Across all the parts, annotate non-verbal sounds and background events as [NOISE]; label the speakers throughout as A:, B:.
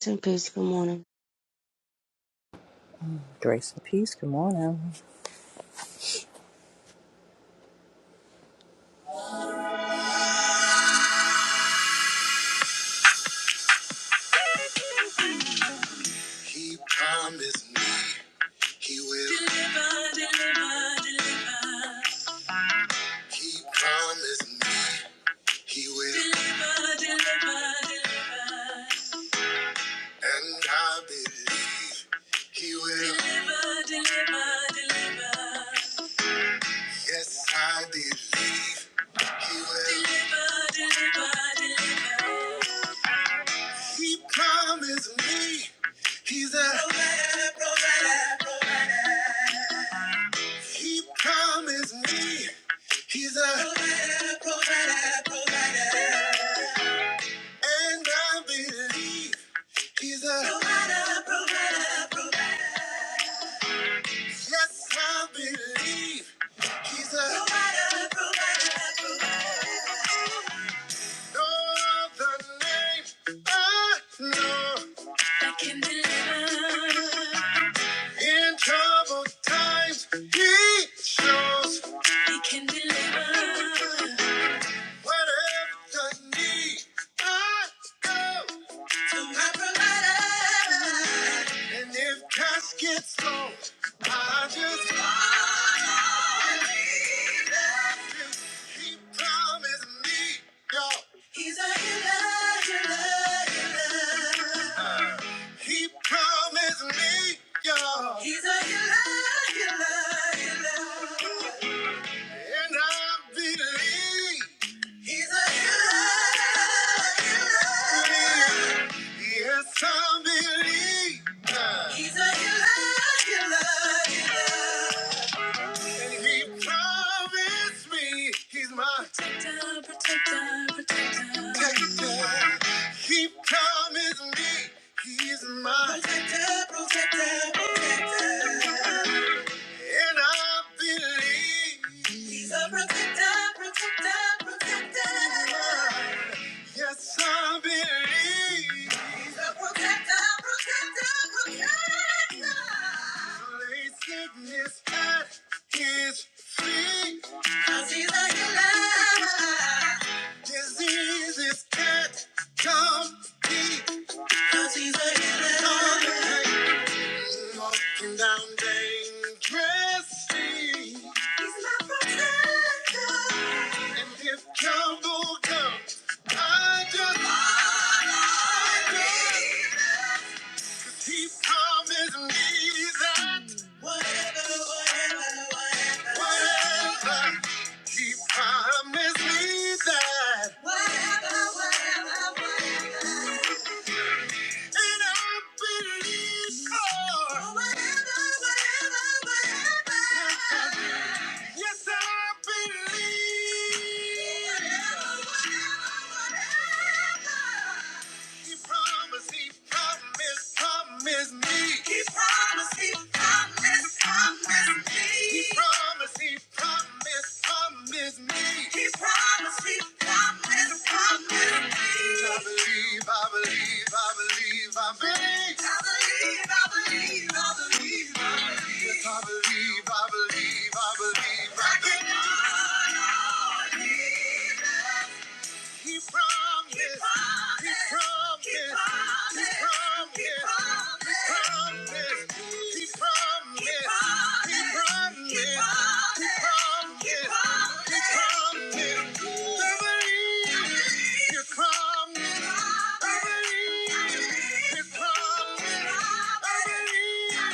A: Grace and peace. Good morning.
B: Grace and peace. Good morning. He promised me he will. He promised me he will. And I believe he will. Yes, I believe he will. He promised me he's a. He promised me he's a. And I believe he's a. Yes, I believe he's a no other name I know. That can deliver. In troubled times, he shows he can deliver. Whatever you need, I go to my provider. And if cash gets low, I just He promised me, y'all. He's a healer, healer, healer. He promised me, y'all. He's a healer, healer, healer. And I believe. Yes, I believe. that. He's a healer, healer, healer. And he promised me he's my protector, protector, protector. protector. He promised me he's my protector, protector, protector. And I believe He's a protector, protector, protector. Yes, I believe He's a protector, protector, protector. Lay sickness at His feet. 'Cause He's a healer. Disease is dead, come deep. 'Cause He's a healer. Walking down dangerous streets. He's my protector. And if trouble comes, I just I just- He promised me that whatever, whatever, whatever, whatever. He promised me that whatever, whatever, whatever. And I believe, God. Yes, I believe. He promised, he promised, promised me. He promised, he promised, promised me. He promised, he promised, promised me. He promised, he promised, promised me. I believe, I believe, I believe, I believe. I believe, I believe, I believe, I believe. Yes, I believe, I believe, I believe. I can. He promised. He promised. He promised. He promised. He promised. He promised. He promised. He promised. I believe He promised. I believe He promised. I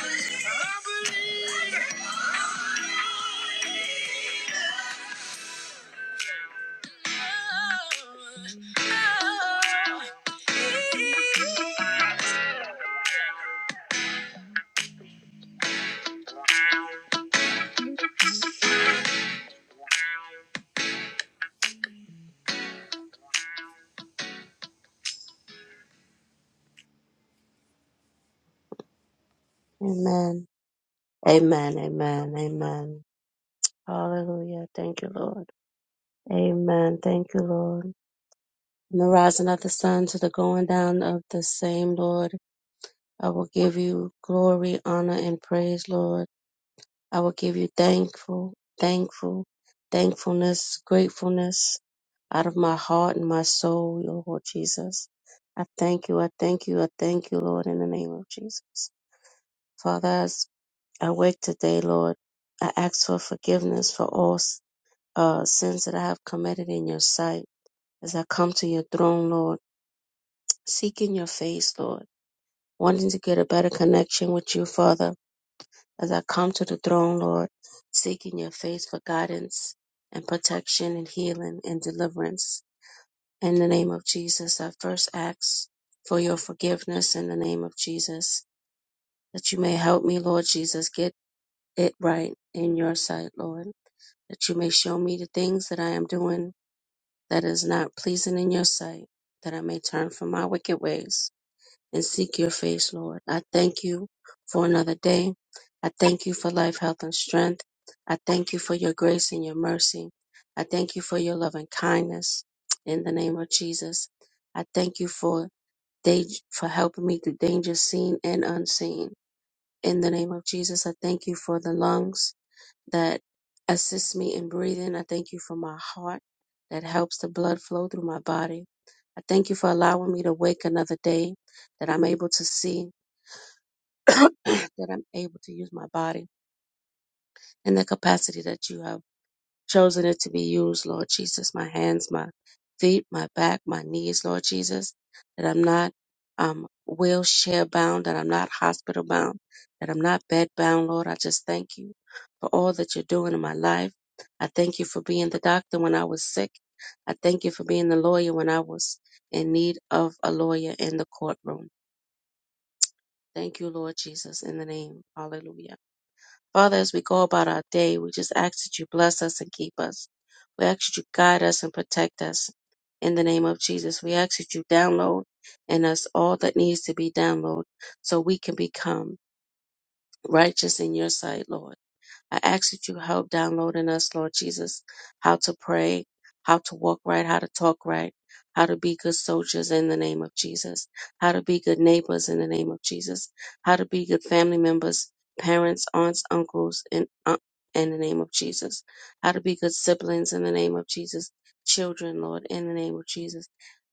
B: believe. I believe. I believe.
A: Amen. Amen. Amen. Amen. Hallelujah. Thank you, Lord. Amen. Thank you, Lord. From the rising of the sun to the going down of the same, Lord, I will give you glory, honor, and praise, Lord. I will give you thankful, thankful, thankfulness, gratefulness out of my heart and my soul, Lord Jesus. I thank you. I thank you. I thank you, Lord, in the name of Jesus. Father, I wake today, Lord. I ask for forgiveness for all uh, sins that I have committed in your sight. As I come to your throne, Lord, seeking your face, Lord, wanting to get a better connection with you, Father. As I come to the throne, Lord, seeking your face for guidance and protection and healing and deliverance. In the name of Jesus, I first ask for your forgiveness in the name of Jesus, that you may help me, Lord Jesus, get it right in your sight, Lord. that you may show me the things that I am doing that is not pleasing in your sight, that I may turn from my wicked ways and seek your face, Lord. I thank you for another day. I thank you for life, health, and strength. I thank you for your grace and your mercy. I thank you for your love and kindness in the name of Jesus. I thank you for day, for helping me through dangers seen and unseen. In the name of Jesus, I thank you for the lungs that assists me in breathing. I thank you for my heart that helps the blood flow through my body. I thank you for allowing me to wake another day, that I'm able to see, [CLEARS THROAT] that I'm able to use my body in the capacity that you have chosen it to be used, Lord Jesus. My hands, my feet, my back, my knees, Lord Jesus. That I'm not um, wheelchair bound, that I'm not hospital bound, that I'm not bed bound, Lord. I just thank you for all that you're doing in my life. I thank you for being the doctor when I was sick. I thank you for being the lawyer when I was in need of a lawyer in the courtroom. Thank you, Lord Jesus, in the name. Hallelujah. Father, as we go about our day, we just ask that you bless us and keep us. We ask that you guide us and protect us. In the name of Jesus, we ask that you download in us all that needs to be downloaded so we can become righteous in your sight, Lord. I ask that you help download in us, Lord Jesus, how to pray, how to walk right, how to talk right, how to be good soldiers in the name of Jesus, how to be good neighbors in the name of Jesus, how to be good family members, parents, aunts, uncles, and uh, in the name of Jesus, how to be good siblings in the name of Jesus, children, Lord, in the name of Jesus,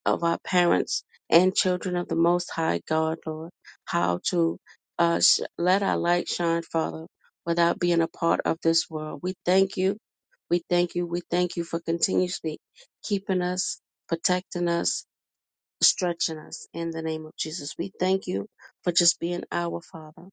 A: of our parents and children of the Most High God, Lord, how to uh, sh- let our light shine, Father without being a part of this world. We thank you. We thank you. We thank you for continuously keeping us, protecting us, stretching us in the name of Jesus. We thank you for just being our Father.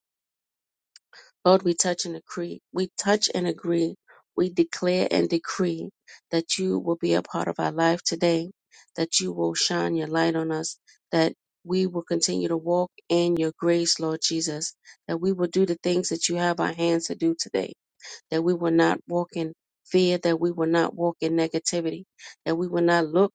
A: Lord, we touch and agree. We touch and agree. We declare and decree that you will be a part of our life today, that you will shine your light on us, that we will continue to walk in your grace, Lord Jesus, that we will do the things that you have our hands to do today that we will not walk in fear, that we will not walk in negativity, that we will not look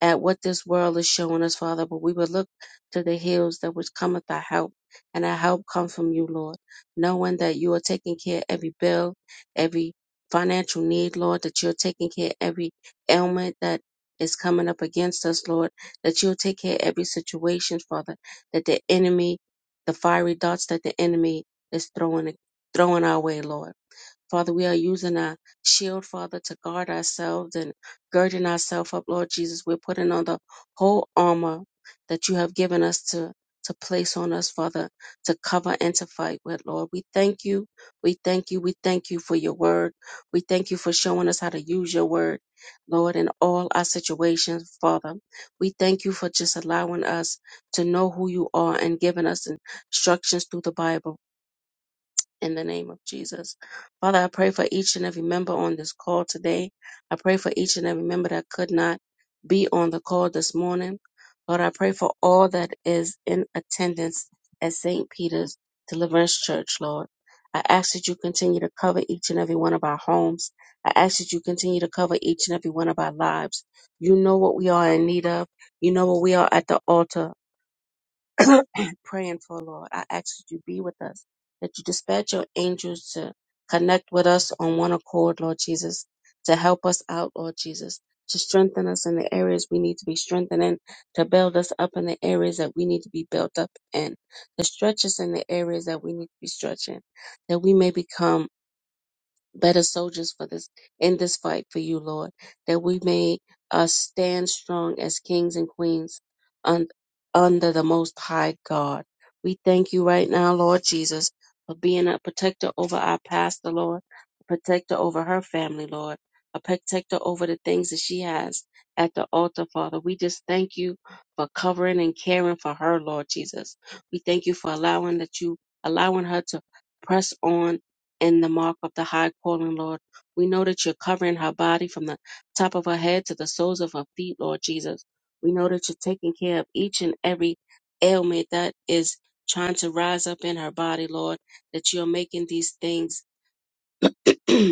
A: at what this world is showing us, Father, but we will look to the hills that which cometh our help, and our help come from you, Lord, knowing that you are taking care of every bill, every financial need, Lord, that you're taking care of every ailment that is coming up against us, Lord, that you'll take care of every situation, Father, that the enemy, the fiery darts that the enemy is throwing throwing our way, Lord Father, we are using our shield, Father, to guard ourselves and girding ourselves up, Lord Jesus. We're putting on the whole armor that you have given us to, to place on us, Father, to cover and to fight with, Lord. We thank you. We thank you. We thank you for your word. We thank you for showing us how to use your word, Lord, in all our situations, Father. We thank you for just allowing us to know who you are and giving us instructions through the Bible in the name of Jesus. Father, I pray for each and every member on this call today. I pray for each and every member that could not be on the call this morning. Lord, I pray for all that is in attendance at St. Peter's Deliverance Church, Lord. I ask that you continue to cover each and every one of our homes. I ask that you continue to cover each and every one of our lives. You know what we are in need of. You know what we are at the altar. [COUGHS] [CLEARS THROAT] praying for, Lord. I ask that you be with us, that you dispatch your angels to connect with us on one accord, Lord Jesus, to help us out, Lord Jesus, to strengthen us in the areas we need to be strengthened in, to build us up in the areas that we need to be built up in, to stretch us in the areas that we need to be stretched in, that we may become better soldiers for this in this fight for you, Lord, that we may uh, stand strong as kings and queens un- under the Most High God. We thank you right now, Lord Jesus, for being a protector over our pastor, Lord, a protector over her family, Lord, a protector over the things that she has at the altar, Father. We just thank you for covering and caring for her, Lord Jesus. We thank you for allowing that you allowing her to press on in the mark of the high calling, Lord. We know that you're covering her body from the top of her head to the soles of her feet, Lord Jesus. We know that you're taking care of each and every ailment that is trying to rise up in her body, Lord, that you're making these things [CLEARS THROAT]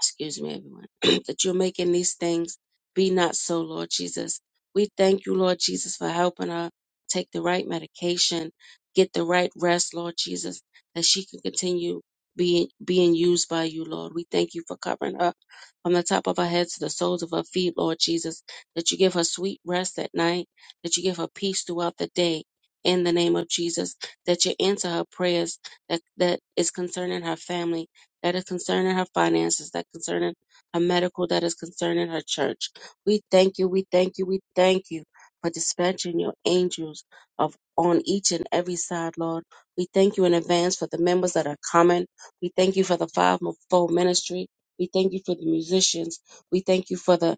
A: excuse me, everyone, [CLEARS THROAT] that you're making these things be not so, Lord Jesus. We thank you, Lord Jesus, for helping her take the right medication, get the right rest, Lord Jesus, that she can continue being being used by you, Lord. We thank you for covering her from the top of her head to the soles of her feet, Lord Jesus, that you give her sweet rest at night, that you give her peace throughout the day. In the name of Jesus, that you answer her prayers that, that is concerning her family, that is concerning her finances, that concerning her medical, that is concerning her church. We thank you, we thank you, we thank you for dispatching your angels of on each and every side, Lord. We thank you in advance for the members that are coming. We thank you for the fivefold ministry. We thank you for the musicians. We thank you for the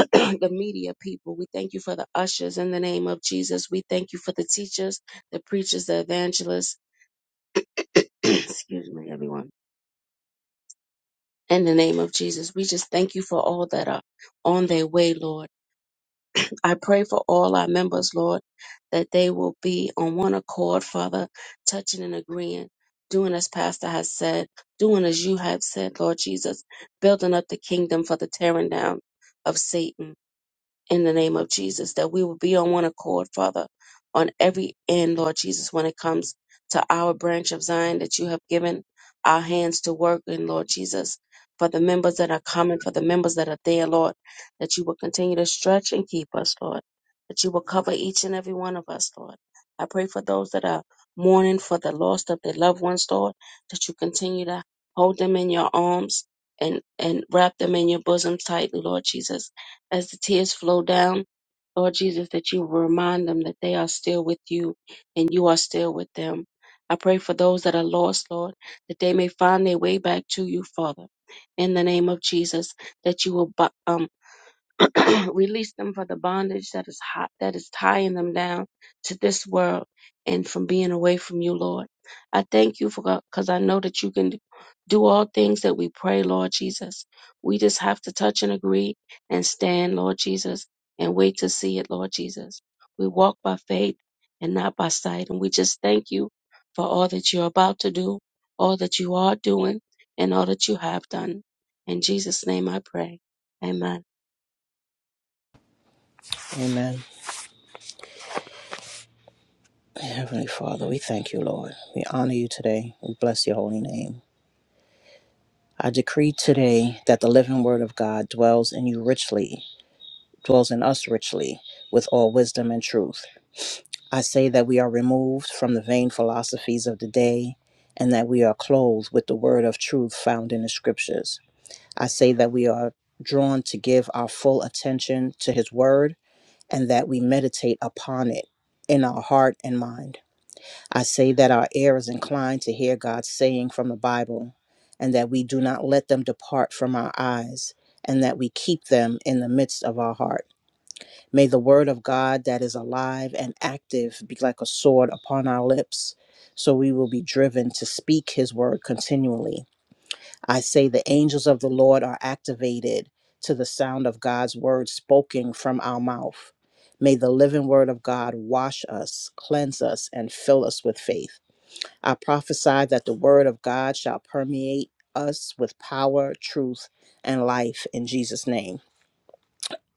A: [CLEARS THROAT] the media people. We thank you for the ushers in the name of Jesus. We thank you for the teachers, the preachers, the evangelists. [CLEARS THROAT] Excuse me, everyone In the name of Jesus, we just thank you for all that are on their way, Lord. I pray for all our members, Lord, that they will be on one accord, Father, touching and agreeing, doing as Pastor has said, doing as you have said, Lord Jesus, building up the kingdom for the tearing down of Satan in the name of Jesus, that we will be on one accord, Father, on every end, Lord Jesus, when it comes to our branch of Zion that you have given our hands to work in, Lord Jesus, for the members that are coming, for the members that are there, Lord, that you will continue to stretch and keep us, Lord, that you will cover each and every one of us, Lord. I pray for those that are mourning for the loss of their loved ones, Lord, that you continue to hold them in your arms and, and wrap them in your bosom tightly, Lord Jesus as the tears flow down, Lord Jesus, that you remind them that they are still with you and you are still with them. I pray for those that are lost, Lord, that they may find their way back to you, Father. In the name of Jesus, that you will bu- um, [CLEARS THROAT] Release them from the bondage that is hot, that is tying them down to this world and from being away from you, Lord. I thank you for because I know that you can do all things that we pray, Lord Jesus. We just have to touch and agree and stand, Lord Jesus, and wait to see it, Lord Jesus. We walk by faith and not by sight. And we just thank you for all that you're about to do, all that you are doing, and all that you have done. In Jesus' name I pray. Amen.
B: Amen. Heavenly Father, we thank you, Lord. We honor you today. We bless your holy name. I decree today that the living word of God dwells in you richly, dwells in us richly, with all wisdom and truth. I say that we are removed from the vain philosophies of the day and that we are clothed with the word of truth found in the scriptures. I say that we are drawn to give our full attention to his word and that we meditate upon it in our heart and mind. I say that our ear is inclined to hear God's saying from the Bible, and that we do not let them depart from our eyes, and that we keep them in the midst of our heart. May the word of God that is alive and active be like a sword upon our lips, so we will be driven to speak his word continually I say the angels of the Lord are activated to the sound of God's word spoken from our mouth. May the living word of God wash us, cleanse us, and fill us with faith. I prophesy that the word of God shall permeate us with power, truth, and life in Jesus' name.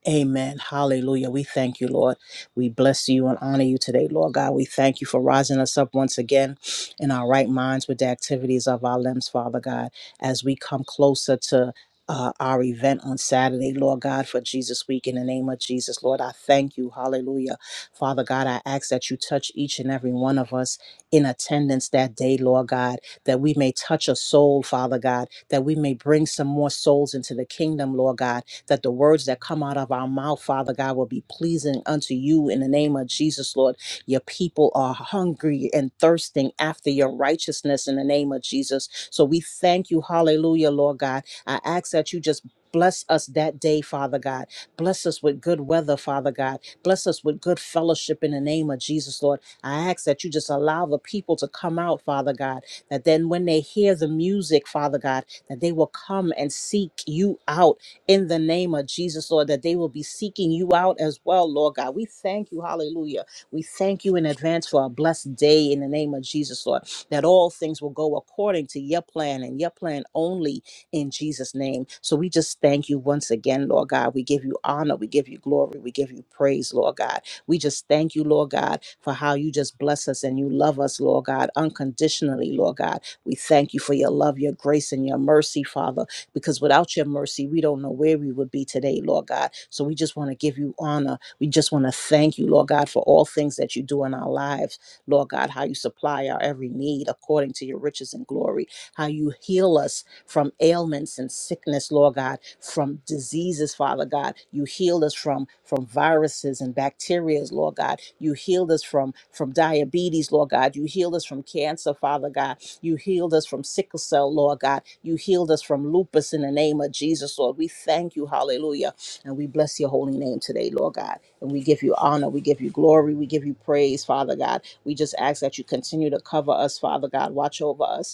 B: Amen. Hallelujah. We thank you, Lord. We bless you and honor you today, Lord God. We thank you for rising us up once again in our right minds with the activities of our limbs, Father God, as we come closer to. Uh, our event on Saturday, Lord God, for Jesus Week in the name of Jesus. Lord, I thank you. Hallelujah. Father God, I ask that you touch each and every one of us in attendance that day, Lord God, that we may touch a soul, Father God, that we may bring some more souls into the kingdom, Lord God, that the words that come out of our mouth, Father God, will be pleasing unto you in the name of Jesus, Lord. Your people are hungry and thirsting after your righteousness in the name of Jesus. So we thank you, hallelujah, Lord God. I ask that you just Bless us that day, Father God. Bless us with good weather, Father God. Bless us with good fellowship in the name of Jesus, Lord. I ask that you just allow the people to come out, Father God, that then when they hear the music, Father God, that they will come and seek you out in the name of Jesus, Lord, that they will be seeking you out as well, Lord God. We thank you, hallelujah. We thank you in advance for a blessed day in the name of Jesus, Lord, that all things will go according to your plan and your plan only in Jesus' name. So we just thank you once again, Lord God. We give you honor, we give you glory, we give you praise, Lord God. We just thank you, Lord God, for how you just bless us and you love us, Lord God, unconditionally, Lord God. We thank you for your love, your grace, and your mercy, Father because without your mercy, we don't know where we would be today, Lord God. So we just want to give you honor. We just want to thank you, Lord God, for all things that you do in our lives, Lord God, how you supply our every need according to your riches and glory, how you heal us from ailments and sickness, Lord God, from diseases, Father God. You healed us from from viruses and bacteria, Lord God. You healed us from from diabetes, Lord God. You healed us from cancer, Father God. You healed us from sickle cell, Lord God. You healed us from lupus in the name of Jesus, Lord. We thank you, hallelujah. And we bless your holy name today, Lord God. And we give you honor, we give you glory, we give you praise, Father God. We just ask that you continue to cover us, Father God. Watch over us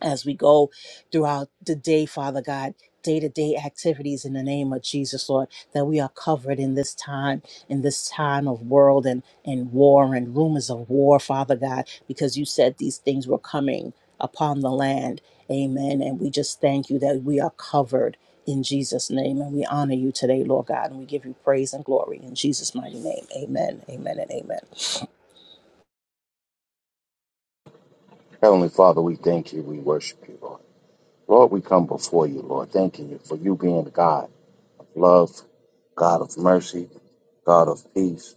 B: as we go throughout the day, Father God, day to day activities in the name of Jesus, Lord, that we are covered in this time, in this time of world and, and war and rumors of war, Father God, because you said these things were coming upon the land. Amen. And we just thank you that we are covered in Jesus' name. And we honor you today, Lord God, and we give you praise and glory in Jesus' mighty name. Amen. Amen and amen.
C: Heavenly Father, we thank you. We worship you, Lord. Lord, we come before you, Lord, thanking you for you being God of love, God of mercy, God of peace.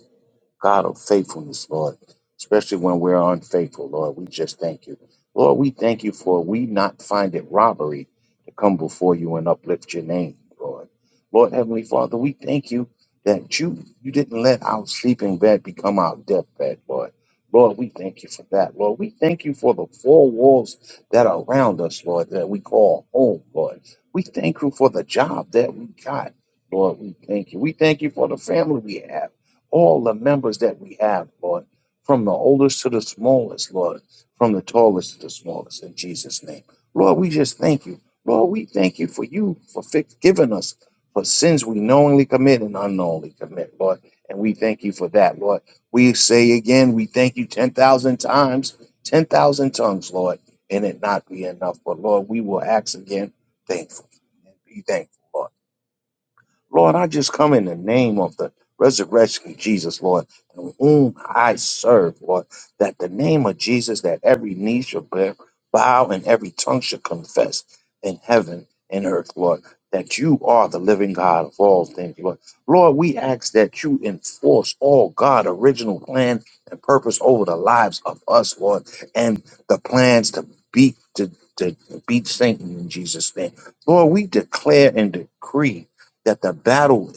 C: God of faithfulness, Lord, especially when we're unfaithful, Lord. We just thank you. Lord, we thank you for we not find it robbery to come before you and uplift your name, Lord. Lord Heavenly Father, we thank you that you you didn't let our sleeping bed become our deathbed, Lord. Lord, we thank you for that, Lord. We thank you for the four walls that are around us, Lord, that we call home, Lord. We thank you for the job that we got, Lord. We thank you. We thank you for the family we have all the members that we have, Lord, from the oldest to the smallest, Lord, from the tallest to the smallest, in Jesus' name. Lord, we just thank you. Lord, we thank you for you for forgiving us for sins we knowingly commit and unknowingly commit, Lord. And we thank you for that, Lord. We say again, we thank you 10,000 times, 10,000 tongues, Lord, and it not be enough. But Lord, we will ask again, thankful. and Be thankful, Lord. Lord, I just come in the name of the resurrection of Jesus, Lord, and whom I serve, Lord, that the name of Jesus, that every knee shall bear- bow and every tongue shall confess in heaven and earth, Lord, that you are the living God of all things, Lord. Lord, we ask that you enforce all God original plan and purpose over the lives of us, Lord, and the plans to beat to, to beat Satan in Jesus' name. Lord, we declare and decree that the battle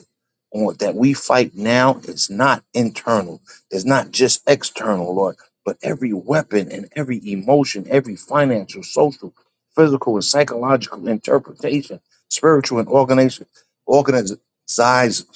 C: on that we fight now is not internal, it's not just external, Lord, but every weapon and every emotion, every financial, social, physical, and psychological interpretation, spiritual and organization, organized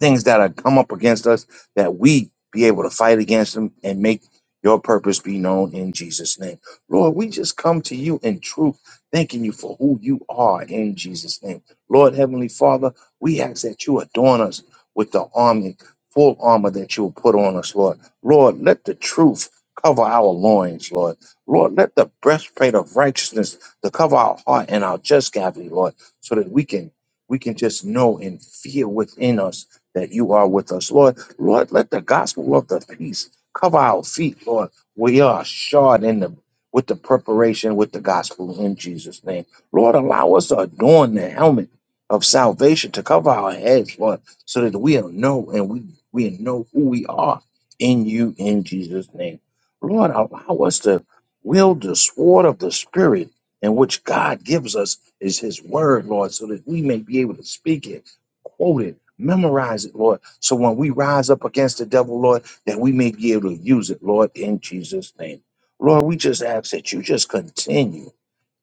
C: things that are come up against us that we be able to fight against them and make your purpose be known in Jesus' name. Lord, we just come to you in truth, thanking you for who you are in Jesus' name. Lord, Heavenly Father, we ask that you adorn us with the army, full armor that you will put on us, Lord. Lord, let the truth cover our loins, Lord. Lord, let the breastplate of righteousness to cover our heart and our just cavity, Lord, so that we can we can just know and feel within us that you are with us, Lord. Lord, let the gospel of the peace cover our feet, Lord. We are shod in the with the preparation with the gospel in Jesus' name. Lord, allow us to adorn the helmet of salvation to cover our heads, Lord, so that we know and we we know who we are in you in Jesus' name. Lord, allow us to wield the sword of the spirit in which God gives us is his word, Lord, so that we may be able to speak it, quote it Memorize it, Lord. So when we rise up against the devil, Lord, that we may be able to use it, Lord, in Jesus' name. Lord, we just ask that you just continue,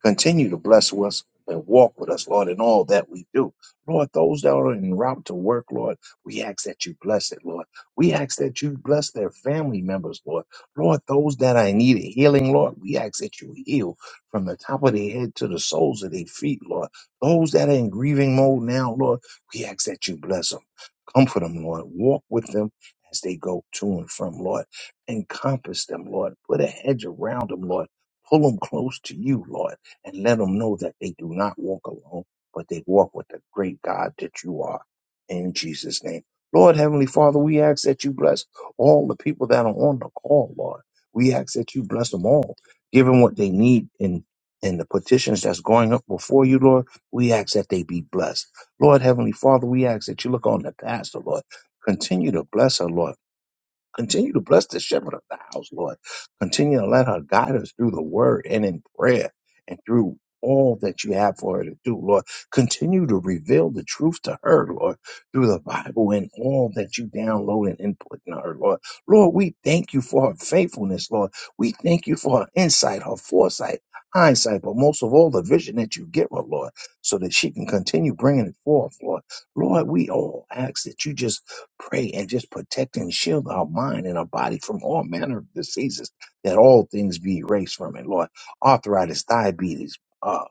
C: continue to bless us and walk with us, Lord, in all that we do. Lord, those that are en route to work, Lord, we ask that you bless it, Lord. We ask that you bless their family members, Lord. Lord, those that I need a healing, Lord, we ask that you heal from the top of their head to the soles of their feet, Lord. Those that are in grieving mode now, Lord. We ask that you bless them, comfort them, Lord. Walk with them as they go to and from, Lord. Encompass them, Lord. Put a hedge around them, Lord. Pull them close to you, Lord, and let them know that they do not walk alone, but they walk with the great God that you are. In Jesus' name. Lord, Heavenly Father, we ask that you bless all the people that are on the call, Lord. We ask that you bless them all, give them what they need in, in the petitions that's going up before you, Lord. We ask that they be blessed Lord Heavenly Father, we ask that you look on the pastor, Lord. Continue to bless her, Lord. Continue to bless the shepherd of the house, Lord. Continue to let her guide us through the word and in prayer and through all that you have for her to do, Lord. Continue to reveal the truth to her, Lord, through the Bible and all that you download and input in her, Lord. Lord, we thank you for her faithfulness, Lord. We thank you for her insight, her foresight, hindsight, but most of all, the vision that you give her, Lord, so that she can continue bringing it forth, Lord. Lord, we all ask that you just Pray and just protect and shield our mind and our body from all manner of diseases, that all things be erased from it, Lord. Arthritis, diabetes. uh,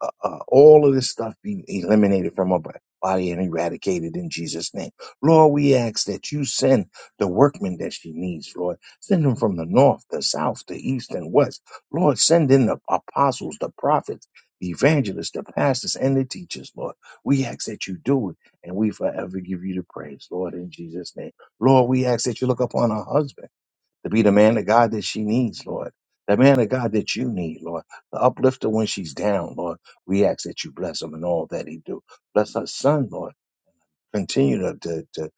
C: uh, uh, all of this stuff be eliminated from our body and eradicated in Jesus' name. Lord, we ask that you send the workmen that she needs, Lord. Send them from the north, the south, the east, and west. Lord, send in the apostles, the prophets, the evangelists, the pastors, and the teachers, Lord. We ask that you do it, and we forever give you the praise, Lord, in Jesus' name. Lord, we ask that you look upon our husband to be the man of God that she needs, Lord. The man of God that you need, Lord. The uplifter when she's down, Lord. We ask that you bless him and all that he do. Bless her son, Lord continue to, to, to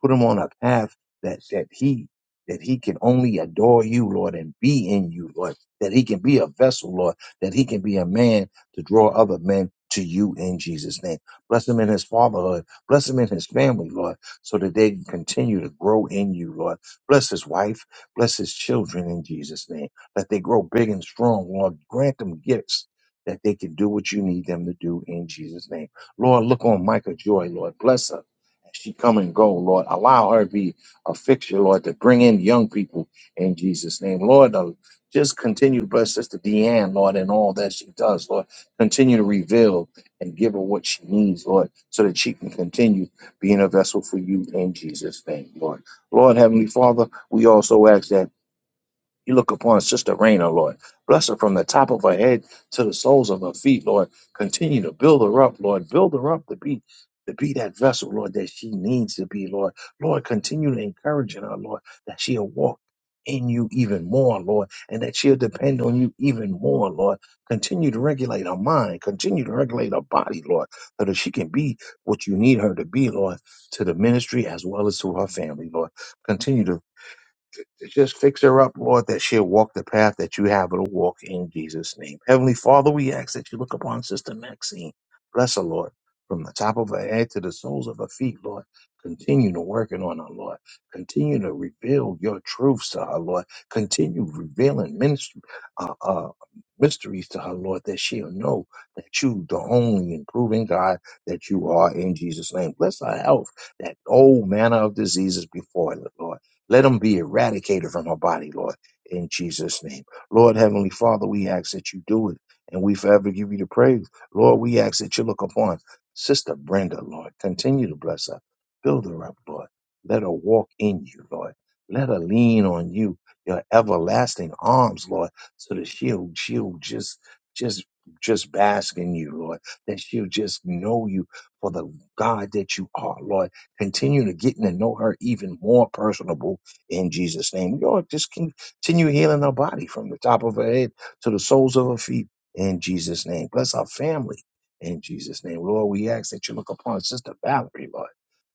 C: put him on a path that, that he that he can only adore you, Lord, and be in you, Lord, that he can be a vessel, Lord, that he can be a man to draw other men to you in Jesus' name. Bless him in his fatherhood. Bless him in his family, Lord, so that they can continue to grow in you, Lord. Bless his wife. Bless his children in Jesus' name. Let they grow big and strong, Lord. Grant them gifts that they can do what you need them to do in Jesus' name. Lord, look on Micah Joy, Lord. Bless her as she come and go, Lord. Allow her to be a fixture, Lord, to bring in young people in Jesus' name. Lord, uh, just continue to bless Sister Deanne, Lord, and all that she does, Lord. Continue to reveal and give her what she needs, Lord, so that she can continue being a vessel for you in Jesus' name, Lord. Lord, Heavenly Father, we also ask that. You look upon Sister Raina, Lord. Bless her from the top of her head to the soles of her feet, Lord. Continue to build her up, Lord. Build her up to be to be that vessel, Lord, that she needs to be, Lord. Lord, continue to encourage her, Lord, that she'll walk in you even more, Lord, and that she'll depend on you even more, Lord. Continue to regulate her mind. Continue to regulate her body, Lord, so that she can be what you need her to be, Lord, to the ministry as well as to her family, Lord. Continue to just fix her up, Lord, that she'll walk the path that you have her to walk in Jesus' name. Heavenly Father, we ask that you look upon Sister Maxine. Bless her, Lord, from the top of her head to the soles of her feet, Lord. Continue to working on her, Lord. Continue to reveal your truths to her, Lord. Continue revealing ministry, uh, uh, mysteries to her, Lord, that she'll know that you, the only improving God that you are in Jesus' name. Bless her health, that old manner of diseases before her, Lord let them be eradicated from her body, Lord, in Jesus' name. Lord, Heavenly Father, we ask that you do it, and we forever give you the praise. Lord, we ask that you look upon Sister Brenda, Lord. Continue to bless her. Build her up, Lord. Let her walk in you, Lord. Let her lean on you, your everlasting arms, Lord, so that she'll, she'll just, just, just bask in you, Lord, that she'll just know you for the God that you are, Lord. Continue to getting to know her even more personable in Jesus' name. Lord, just continue healing our body from the top of her head to the soles of her feet in Jesus' name. Bless our family in Jesus' name. Lord, we ask that you look upon Sister Valerie, Lord.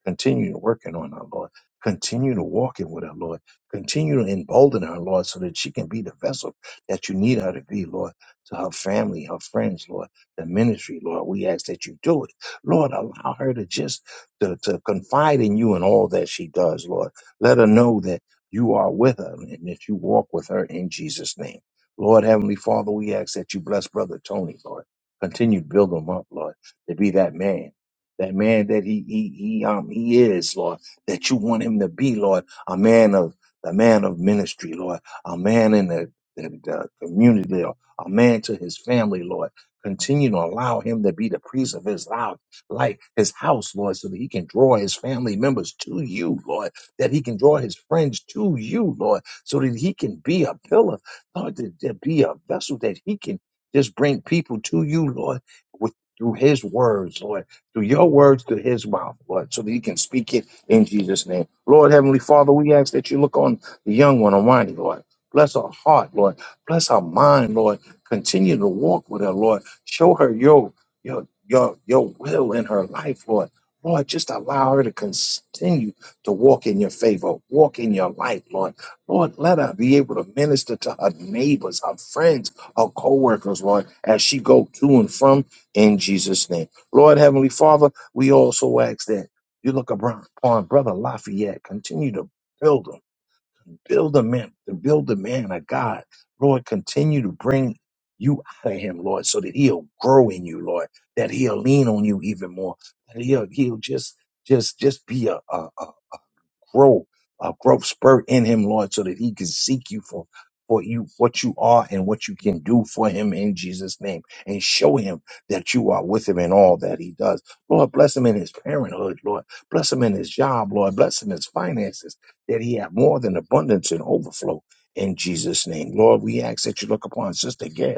C: Continue working on her, Lord. Continue to walk in with her, Lord. Continue to embolden her, Lord, so that she can be the vessel that you need her to be, Lord, to her family, her friends, Lord, the ministry, Lord. We ask that you do it. Lord, allow her to just to, to confide in you in all that she does, Lord. Let her know that. You are with her, and that you walk with her in Jesus' name. Lord Heavenly Father, we ask that you bless Brother Tony, Lord. Continue to build him up, Lord, to be that man. That man that he he he um he is, Lord, that you want him to be, Lord, a man of a man of ministry, Lord, a man in the, the, the community, Lord, a man to his family, Lord. Continue to allow him to be the priest of his house, life, like his house, Lord, so that he can draw his family members to you, Lord that he can draw his friends to you, Lord, so that he can be a pillar, Lord, to, to be a vessel that he can just bring people to you, Lord, with through his words, Lord, through your words, through his mouth, Lord, so that he can speak it in Jesus' name. Lord, Heavenly Father, we ask that you look on the young one, Almighty, Lord. Bless her heart, Lord. Bless her mind, Lord. Continue to walk with her, Lord. Show her your your your your will in her life, Lord. Lord, just allow her to continue to walk in your favor, walk in your light, Lord. Lord, let her be able to minister to her neighbors, her friends, her co-workers, Lord, as she go to and from in Jesus' name. Lord, Heavenly Father, we also ask that you look abro- upon Brother Lafayette, continue to build him, build a man, to build a man of God. Lord, continue to bring you out of him, Lord, so that he'll grow in you, Lord, that he'll lean on you even more, that he'll, he'll just just just be a, a, a grow a growth spurt in him, Lord, so that he can seek you for for you what you are and what you can do for him in Jesus' name, and show him that you are with him in all that he does. Lord, bless him in his parenthood, Lord. Bless him in his job, Lord. Bless him in his finances, that he have more than abundance and overflow in Jesus' name. Lord, we ask that you look upon Sister Gail.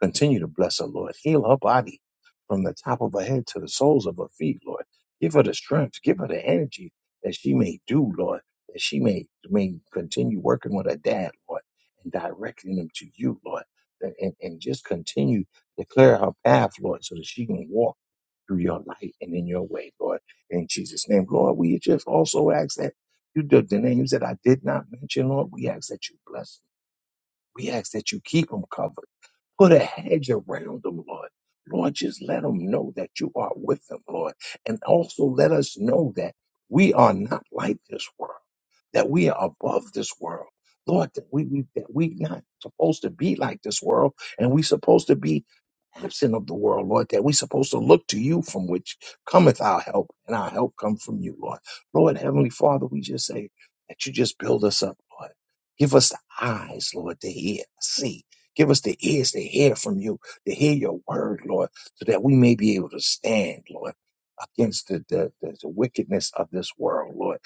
C: Continue to bless her, Lord. Heal her body from the top of her head to the soles of her feet, Lord. Give her the strength, give her the energy that she may do, Lord, that she may, may continue working with her dad, Lord, and directing them to you, Lord. And, and, and just continue to clear her path, Lord, so that she can walk through your light and in your way, Lord. In Jesus' name, Lord, we just also ask that you, the, the names that I did not mention, Lord, we ask that you bless them. We ask that you keep them covered. Put a hedge around them, Lord. Lord, just let them know that you are with them, Lord. And also let us know that we are not like this world that we are above this world. Lord, that we, we that we not supposed to be like this world, and we supposed to be absent of the world, Lord, that we supposed to look to you from which cometh our help, and our help come from you, Lord. Lord, Heavenly Father, we just say that you just build us up, Lord. Give us the eyes, Lord, to hear, see. Give us the ears to hear from you, to hear your word, Lord, so that we may be able to stand, Lord, against the, the, the, the wickedness of this world, Lord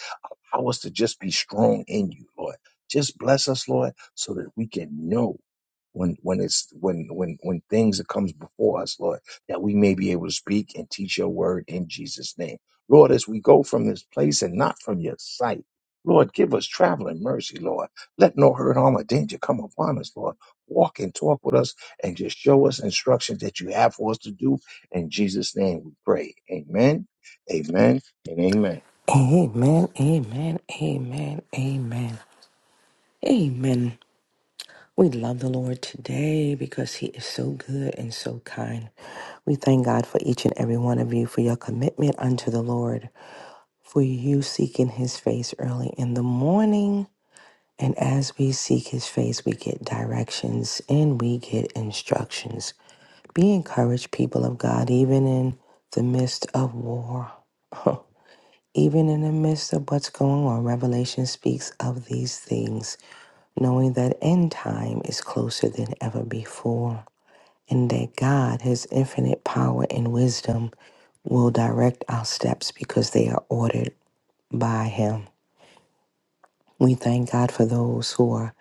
C: Allow us to just be strong in you, Lord. Just bless us, Lord, so that we can know when when it's when when when things that comes before us, Lord, that we may be able to speak and teach your word in Jesus' name. Lord, as we go from this place and not from your sight, Lord, give us traveling mercy, Lord. Let no hurt, harm, or danger come upon us, Lord. Walk and talk with us and just show us instructions that you have for us to do. In Jesus' name we pray. Amen, amen, and amen.
D: Amen, amen, amen, amen, amen. We love the Lord today because He is so good and so kind. We thank God for each and every one of you for your commitment unto the Lord, for you seeking His face early in the morning. And as we seek His face, we get directions and we get instructions. Be encouraged, people of God, even in the midst of war. [LAUGHS] Even in the midst of what's going on, Revelation speaks of these things, knowing that end time is closer than ever before, and that God, His infinite power and wisdom, will direct our steps because they are ordered by Him. We thank God for those who are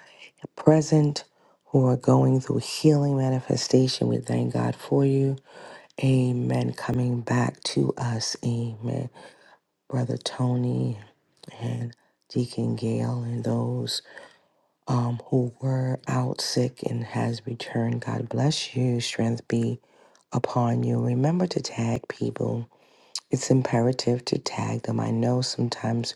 D: present, who are going through healing manifestation. We thank God for you. Amen. Coming back to us. Amen. Brother Tony. and Deacon Gale and those um, who were out sick and has returned. God bless you. Strength be upon you. Remember to tag people. It's imperative to tag them. I know sometimes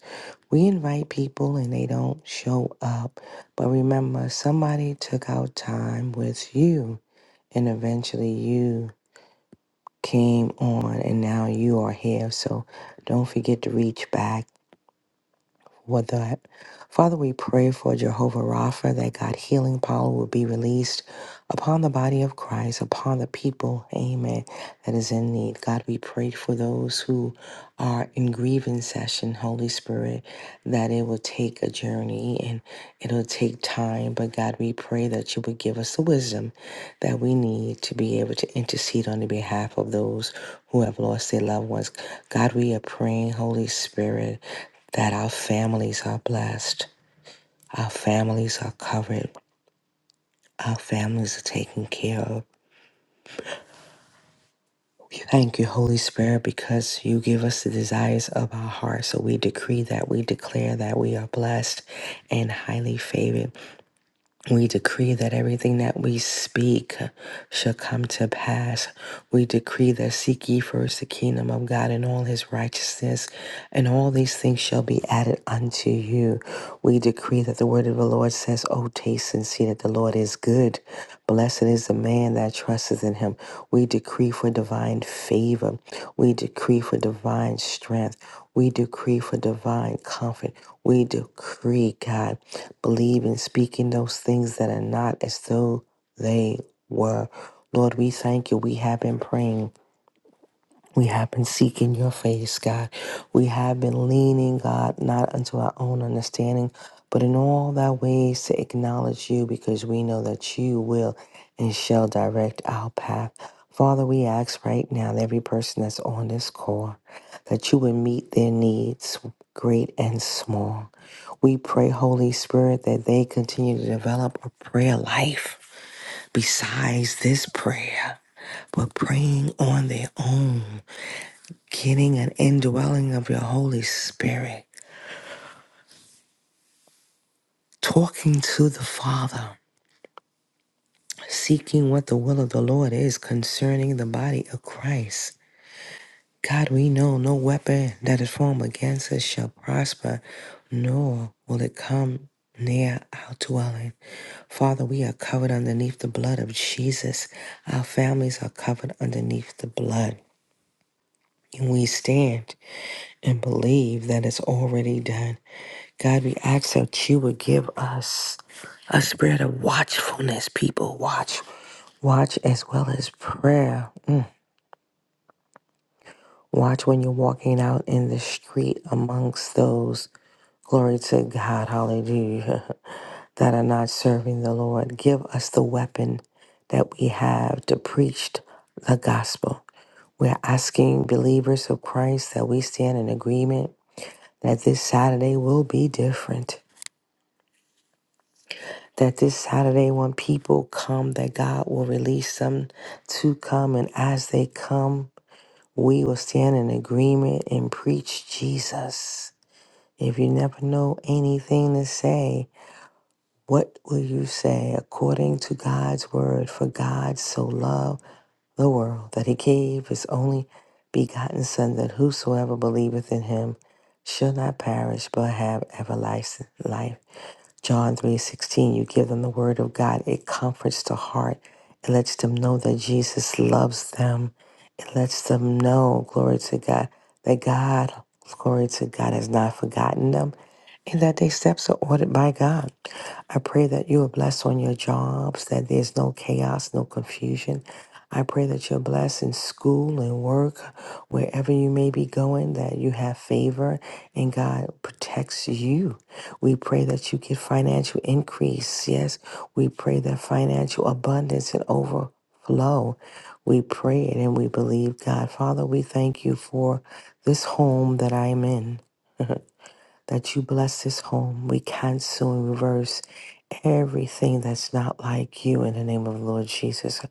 D: we invite people and they don't show up, but remember somebody took out time with you and eventually you came on and now you are here. So don't forget to reach back for that. Father, we pray for Jehovah Rapha that God healing power will be released upon the body of Christ, upon the people, amen, that is in need. God, we pray for those who are in grieving session, Holy Spirit, that it will take a journey and it'll take time. But God, we pray that you would give us the wisdom that we need to be able to intercede on the behalf of those who have lost their loved ones. God, we are praying, Holy Spirit that our families are blessed, our families are covered, our families are taken care of. We thank you, Holy Spirit, because you give us the desires of our heart. So we decree that, we declare that we are blessed and highly favored. We decree that everything that we speak shall come to pass. We decree that seek ye first the kingdom of God and all his righteousness, and all these things shall be added unto you. We decree that the word of the Lord says, O taste and see that the Lord is good. Blessed is the man that trusteth in him. We decree for divine favor. We decree for divine strength. We decree for divine comfort. We decree, God believe in speaking those things that are not as though they were. Lord, we thank you. We have been praying. We have been seeking your face, God. We have been leaning, God, not unto our own understanding, but in all thy ways to acknowledge you because we know that you will and shall direct our path. Father, we ask right now that every person that's on this call that you would meet their needs, great and small. We pray, Holy Spirit, that they continue to develop a prayer life besides this prayer, but praying on their own getting an indwelling of your Holy Spirit, talking to the Father, seeking what the will of the Lord is concerning the body of Christ. God, we know no weapon that is formed against us shall prosper, nor will it come near our dwelling. Father, we are covered underneath the blood of Jesus. Our families are covered underneath the blood. And we stand and believe that it's already done. God, we ask that you would give us a spirit of watchfulness, people. Watch. Watch as well as prayer. Mm. Watch when you're walking out in the street amongst those, glory to God, hallelujah, [LAUGHS] that are not serving the Lord. Give us the weapon that we have to preach the gospel. We're asking believers of Christ that we stand in agreement that this Saturday will be different. that this Saturday, when people come, that God will release them to come. And as they come, we will stand in agreement and preach Jesus. If you never know anything to say, what will you say according to God's word? For God so loved the world that he gave his only begotten Son, that whosoever believeth in him shall not perish but have everlasting life. John 3:16, you give them the word of God. It comforts the heart. It lets them know that Jesus loves them. It lets them know, glory to God, that God, glory to God, has not forgotten them and that their steps are ordered by God. I pray that you are blessed on your jobs, that there's no chaos, no confusion. I pray that you're blessed in school and work, wherever you may be going, that you have favor and God protects you. We pray that you get financial increase. Yes, we pray that financial abundance and overflow. We pray it and we believe God. Father, we thank you for this home that I am in that you bless this home. We cancel and reverse everything that's not like you in the name of the Lord Jesus.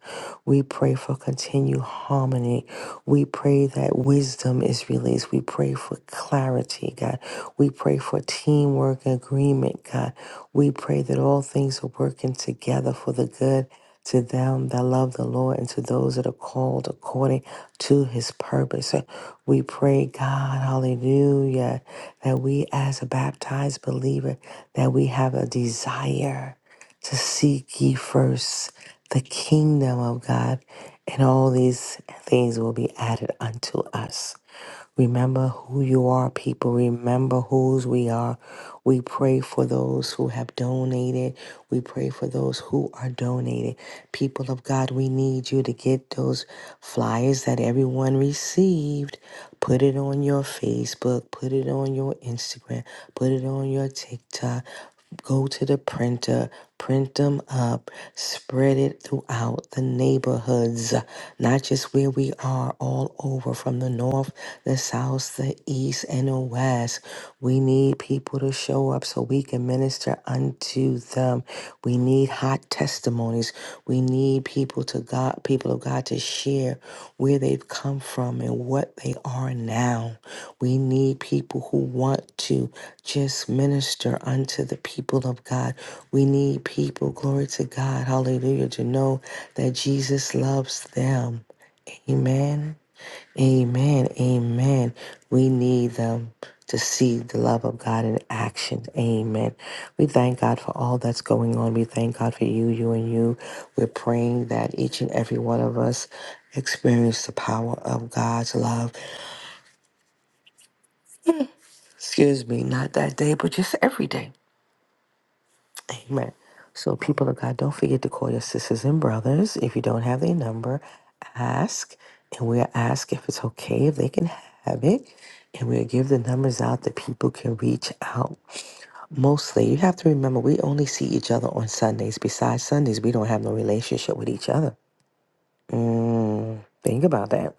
D: We pray for continued harmony. We pray that wisdom is released. We pray for clarity, God. We pray for teamwork, and agreement, God. We pray that all things are working together for the good to them that love the Lord and to those that are called according to his purpose. So we pray, God, hallelujah, that we as a baptized believer, that we have a desire to seek ye first the kingdom of God, and all these things will be added unto us. Remember who you are, people. Remember whose we are. We pray for those who have donated. We pray for those who are donated. People of God, we need you to get those flyers that everyone received. Put it on your Facebook, put it on your Instagram, put it on your TikTok. Go to the printer, Print them up, spread it throughout the neighborhoods, not just where we are, all over from the north, the south, the east, and the west. We need people to show up so we can minister unto them. We need hot testimonies. We need people to God, people of God to share where they've come from and what they are now. We need people who want to just minister unto the people of God. We need people, glory to God, hallelujah, to know that Jesus loves them. Amen. Amen. Amen. We need them to see the love of God in action. Amen. We thank God for all that's going on. We thank God for you, you, and you. We're praying that each and every one of us experience the power of God's love. Excuse me, not that day, but just every day. Amen. So, people of God, don't forget to call your sisters and brothers. If you don't have their number, ask. And we'll ask if it's okay, if they can have it. And we'll give the numbers out that people can reach out. Mostly, you have to remember, we only see each other on Sundays. Besides Sundays, we don't have no relationship with each other. Mm, think about that.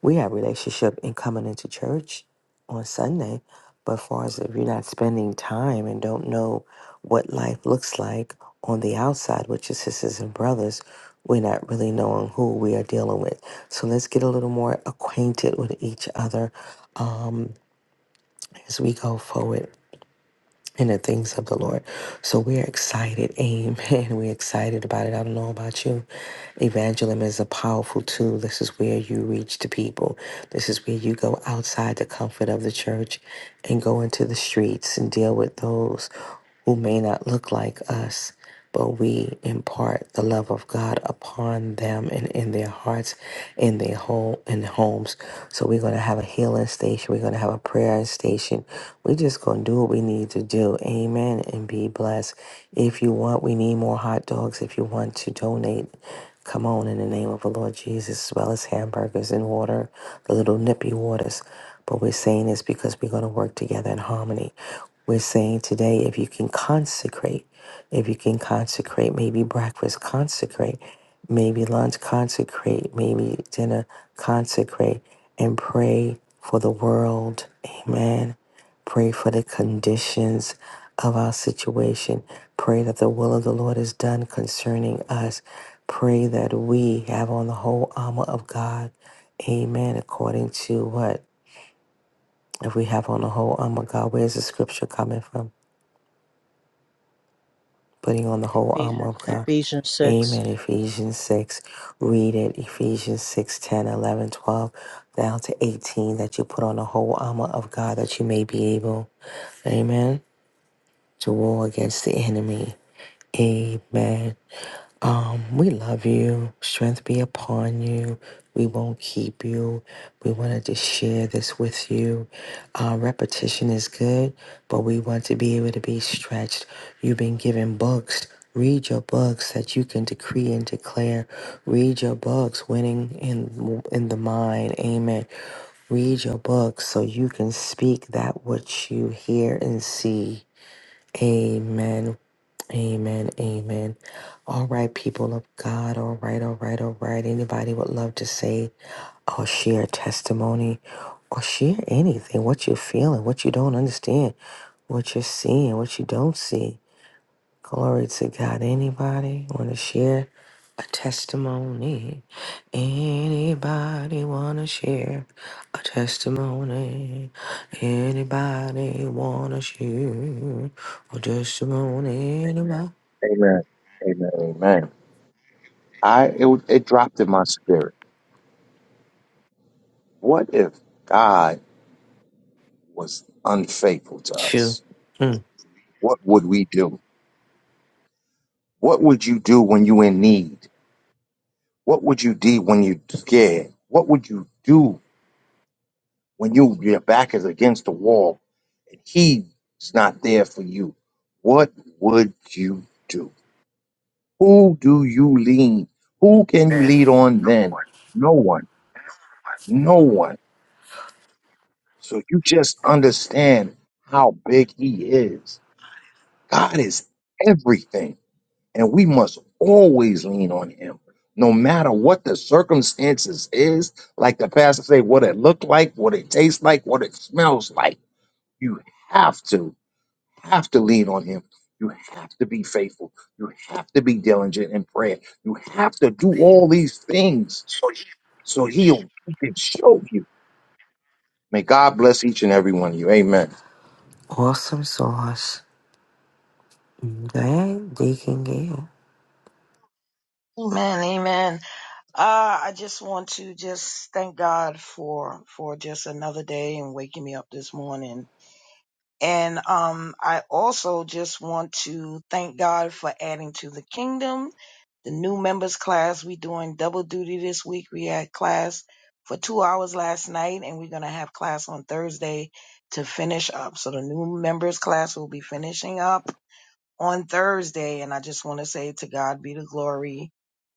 D: We have relationship in coming into church on Sunday, but as far as if you're not spending time and don't know what life looks like on the outside with your sisters and brothers, we're not really knowing who we are dealing with. So let's get a little more acquainted with each other as we go forward. In the things of the Lord. So we're excited. Amen. [LAUGHS] We're excited about it. I don't know about you. Evangelism is a powerful tool. This is where you reach the people. This is where you go outside the comfort of the church and go into the streets and deal with those who may not look like us but we impart the love of God upon them and in their hearts, in their home, in homes. So we're gonna have a healing station. We're gonna have a prayer station. We're just gonna do what we need to do. Amen. And be blessed. If you want, we need more hot dogs. If you want to donate. Come on in the name of the Lord Jesus, as well as hamburgers and water, the little nippy waters. But we're saying this because we're going to work together in harmony. We're saying today, if you can consecrate if you can consecrate, maybe breakfast, consecrate. Maybe lunch, consecrate. Maybe dinner, consecrate. And pray for the world. Amen. Pray for the conditions of our situation. Pray that the will of the Lord is done concerning us. Pray that we have on the whole armor of God. Amen. According to what? If we have on the whole armor of God, where's the scripture coming from? putting on the whole armor Ephesians of God. 6.
B: Ephesians 6.
D: Amen. Ephesians 6. Read it. Ephesians 6, 10, 11, 12, down to 18, that you put on the whole armor of God that you may be able, amen, to war against the enemy. Amen. Um, we love you. Strength be upon you. We won't keep you. We wanted to share this with you. Uh, repetition is good, but we want to be able to be stretched. You've been given books. Read your books that you can decree and declare. Read your books, winning in in the mind. Amen. Read your books so you can speak that which you hear and see. Amen. Amen. Amen. All right, people of God. All right. All right. All right. Anybody would love to say or share a testimony or share anything, what you're feeling, what you don't understand, what you're seeing, what you don't see. Glory to God. Anybody want to share a testimony? Anybody want to share a testimony? Anybody want to share a testimony?
C: Amen. Amen. Amen. I it, was- it dropped in my spirit. What if God was unfaithful to
D: True.
C: us?
D: Mm.
C: What would we do? What would you do when you in need? What would you do when you scared? What would you do when you your back is against the wall and he's not there for you? What would you do? Who do you lean? Who can you lead on then? No one. No one. So you just understand how big he is. God is everything, and we must always lean on him. No matter what the circumstances is, like the pastor say, what it look like, what it tastes like, what it smells like, you have to, have to lean on him. You have to be faithful. You have to be diligent in prayer. You have to do all these things so he'll he can show you. May God bless each and every one of you. Amen.
D: Awesome sauce. Mm, Glad they can get it.
E: Amen, amen. Uh, I just want to just thank God for for just another day and waking me up this morning. And um, I also just want to thank God for adding to the kingdom. The new members class we doing double duty this week. We had class for two hours last night, and we're gonna have class on Thursday to finish up. So the new members class will be finishing up on Thursday. And I just want to say to God be the glory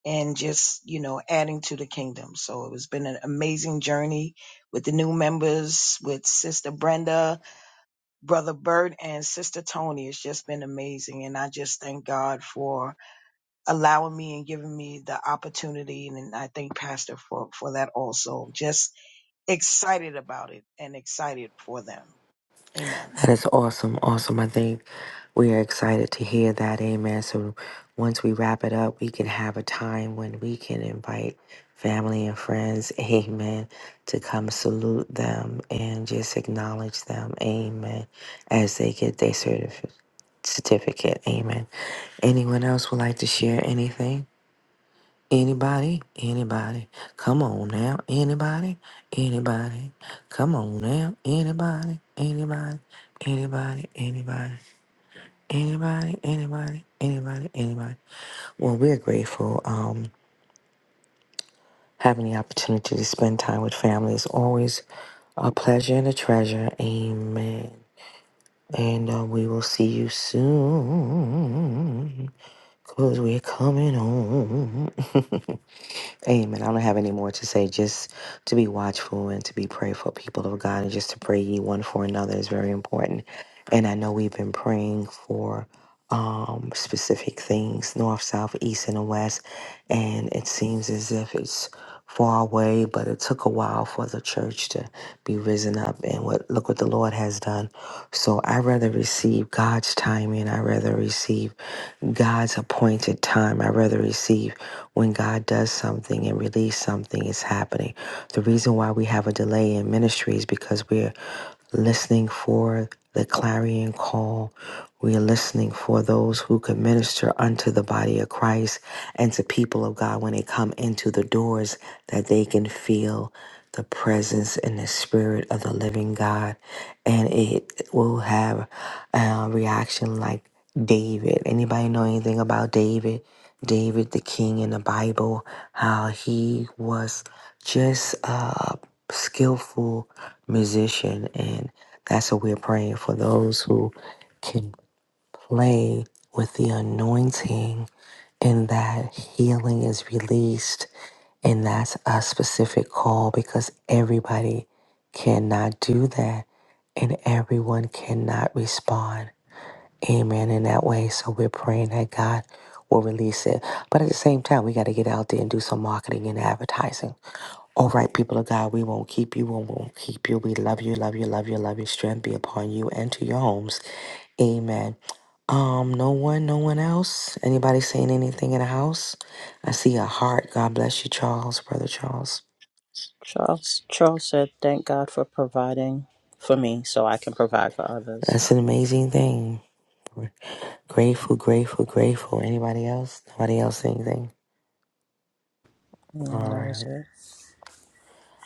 E: and just, you know, adding to the kingdom. So it has been an amazing journey with the new members, with Sister Brenda, Brother Bert, and Sister Tony. It's just been amazing. And I just thank God for allowing me and giving me the opportunity. And I thank Pastor for, for that also. Just excited about it and excited for them. Amen.
D: That is awesome. Awesome. I think we are excited to hear that. Amen. So once we wrap it up, we can have a time when we can invite family and friends. [LAUGHS] Amen. To come salute them and just acknowledge them. Amen. As they get their certif- certificate. Amen. Anyone else would like to share anything? Anybody? Anybody? Come on now. Anybody? Anybody? Come on now. Anybody? Anybody? Anybody? Anybody? Anybody? Anybody? Anybody? Anybody? Well, we're grateful. Um, having the opportunity to spend time with family is always a pleasure and a treasure. Amen. And uh, we will see you soon. Cause we're coming home. [LAUGHS] Amen. I don't have any more to say. Just to be watchful and to be prayerful, people of God, and just to pray ye one for another is very important. And I know we've been praying for um, specific things north, south, east, and the west. And it seems as if it's far away, but it took a while for the church to be risen up. And what look what the Lord has done. So I rather receive God's timing. I rather receive God's appointed time. I rather receive when God does something and release something is happening. The reason why we have a delay in ministry is because we're listening for the clarion call. We are listening for those who can minister unto the body of Christ and to people of God when they come into the doors that they can feel the presence and the spirit of the living God. And it will have a reaction like David. Anybody know anything about David? David, the king in the Bible, how he was just uh, skillful musician. And that's what we're praying for those who can play with the anointing and that healing is released. And that's a specific call because everybody cannot do that and everyone cannot respond. Amen. In that way. So we're praying that God will release it. But at the same time, we got to get out there and do some marketing and advertising all right, people of God, we won't keep you. We won't keep you. We love you, love you, love you, love you. Strength be upon you and to your homes. Amen. Um, no one, no one else. Anybody saying anything in the house? I see a heart. God bless you, Charles, brother Charles.
B: Charles Charles said, "Thank God for providing for me, so I can provide for others."
D: That's an amazing thing. We're Grateful, grateful, grateful. Anybody else? Nobody else saying anything?
B: You know
D: All
B: that was
D: right.
B: it.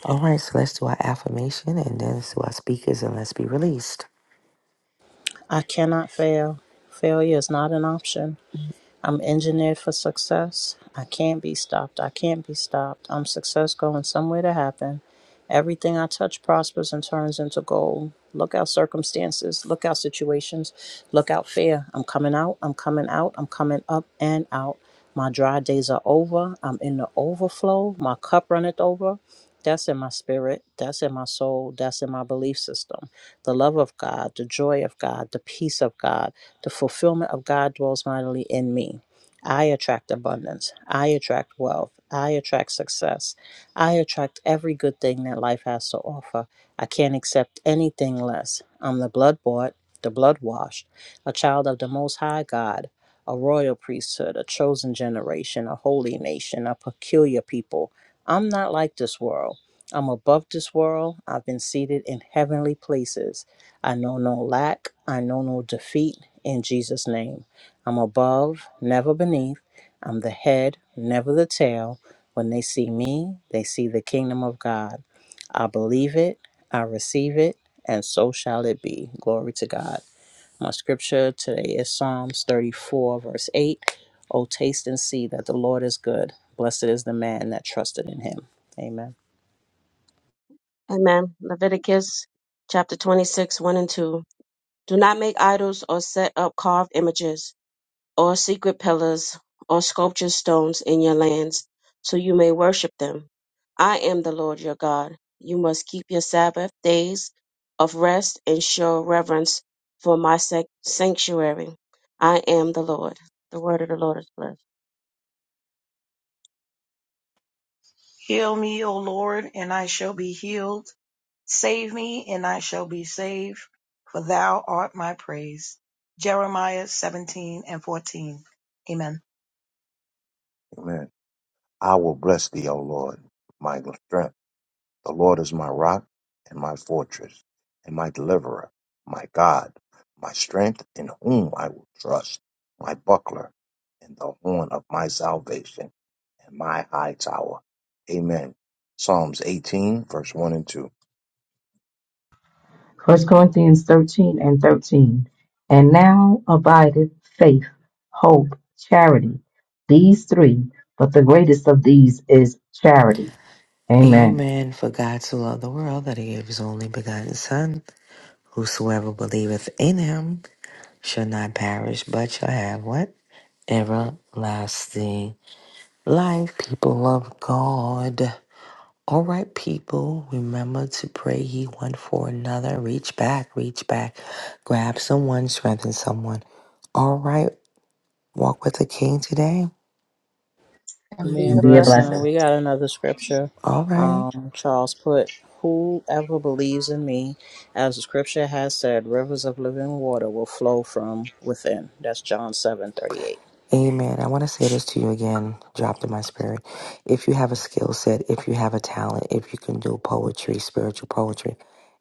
D: All right, so let's do our affirmation and then let's do our speakers and let's be released.
B: I cannot fail. Failure is not an option. I'm engineered for success. I can't be stopped. I can't be stopped. I'm success going somewhere to happen. Everything I touch prospers and turns into gold. Look out circumstances, look out situations, look out fear. I'm coming out, I'm coming out, I'm coming up and out. My dry days are over. I'm in the overflow. My cup runneth over. That's in my spirit. That's in my soul. That's in my belief system the love of God, the joy of God, the peace of God, the fulfillment of God dwells mightily in me. I attract abundance. I attract wealth. I attract success. I attract every good thing that life has to offer. I can't accept anything less. I'm the blood bought, the blood washed, a child of the Most High God, a royal priesthood, a chosen generation, a holy nation, a peculiar people. I'm not like this world. I'm above this world. I've been seated in heavenly places. I know no lack. I know no defeat in Jesus' name. I'm above, never beneath. I'm the head, never the tail. When they see me, they see the kingdom of God. I believe it, I receive it, and so shall it be. Glory to God. My scripture today is Psalms 34, verse 8. Oh, taste and see that the Lord is good. Blessed is the man that trusted in him. Amen.
A: Amen. Leviticus chapter 26, 1 and 2. Do not make idols or set up carved images or secret pillars or sculptured stones in your lands so you may worship them. I am the Lord your God. You must keep your Sabbath days of rest and show reverence for my sac- sanctuary. I am the Lord. The word of the Lord is blessed.
E: Heal me, O Lord, and I shall be healed. Save me, and I shall be saved, for thou art my praise. Jeremiah 17 and 14. Amen.
C: Amen. I will bless thee, O Lord, my strength. The Lord is my rock and my fortress and my deliverer, my God, my strength in whom I will trust, my buckler and the horn of my salvation and my high tower. Amen. Psalms 18, verse 1 and 2.
F: First Corinthians thirteen and thirteen. And now abideth faith, hope, charity. These three, but the greatest of these is charity. Amen.
D: Amen. For God so loved the world that he gave his only begotten Son Whosoever believeth in him shall not perish, but shall have what? Everlasting life, people of God. All right, people, remember to pray ye one for another. Reach back, reach back. Grab someone, strengthen someone. All right, walk with the king today.
E: and be
B: Man,
F: And
E: a
F: be a
B: bless
E: blessing.
B: him.
F: blessing.
B: We got another scripture.
D: All right.
B: Um, Charles put, Whoever believes in me, as the scripture has said, rivers of living water will flow from within. That's John seven thirty eight.
D: Amen. I want to say this to you again, dropped in my spirit. If you have a skill set, if you have a talent, if you can do poetry, spiritual poetry,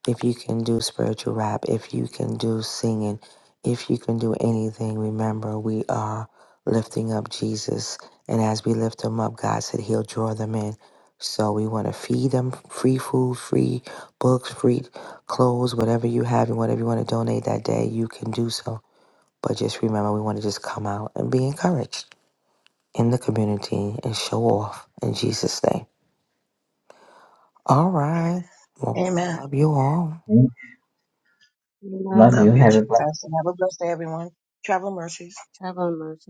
D: if you can do spiritual rap, if you can do singing, if you can do anything, remember we are lifting up Jesus. And as we lift him up, God said he'll draw them in. So we want to feed them free food, free books, free clothes, whatever you have and whatever you want to donate that day, you can do so but just remember, we want to just come out and be encouraged in the community and show off in Jesus' name. All right. Well,
E: Amen.
D: love you all.
F: Love
A: Amen.
F: you.
E: Love you
F: Have a
E: too,
F: blessed
E: Pastor. Have a blessed day, everyone. Travel mercies.
A: Have mercy.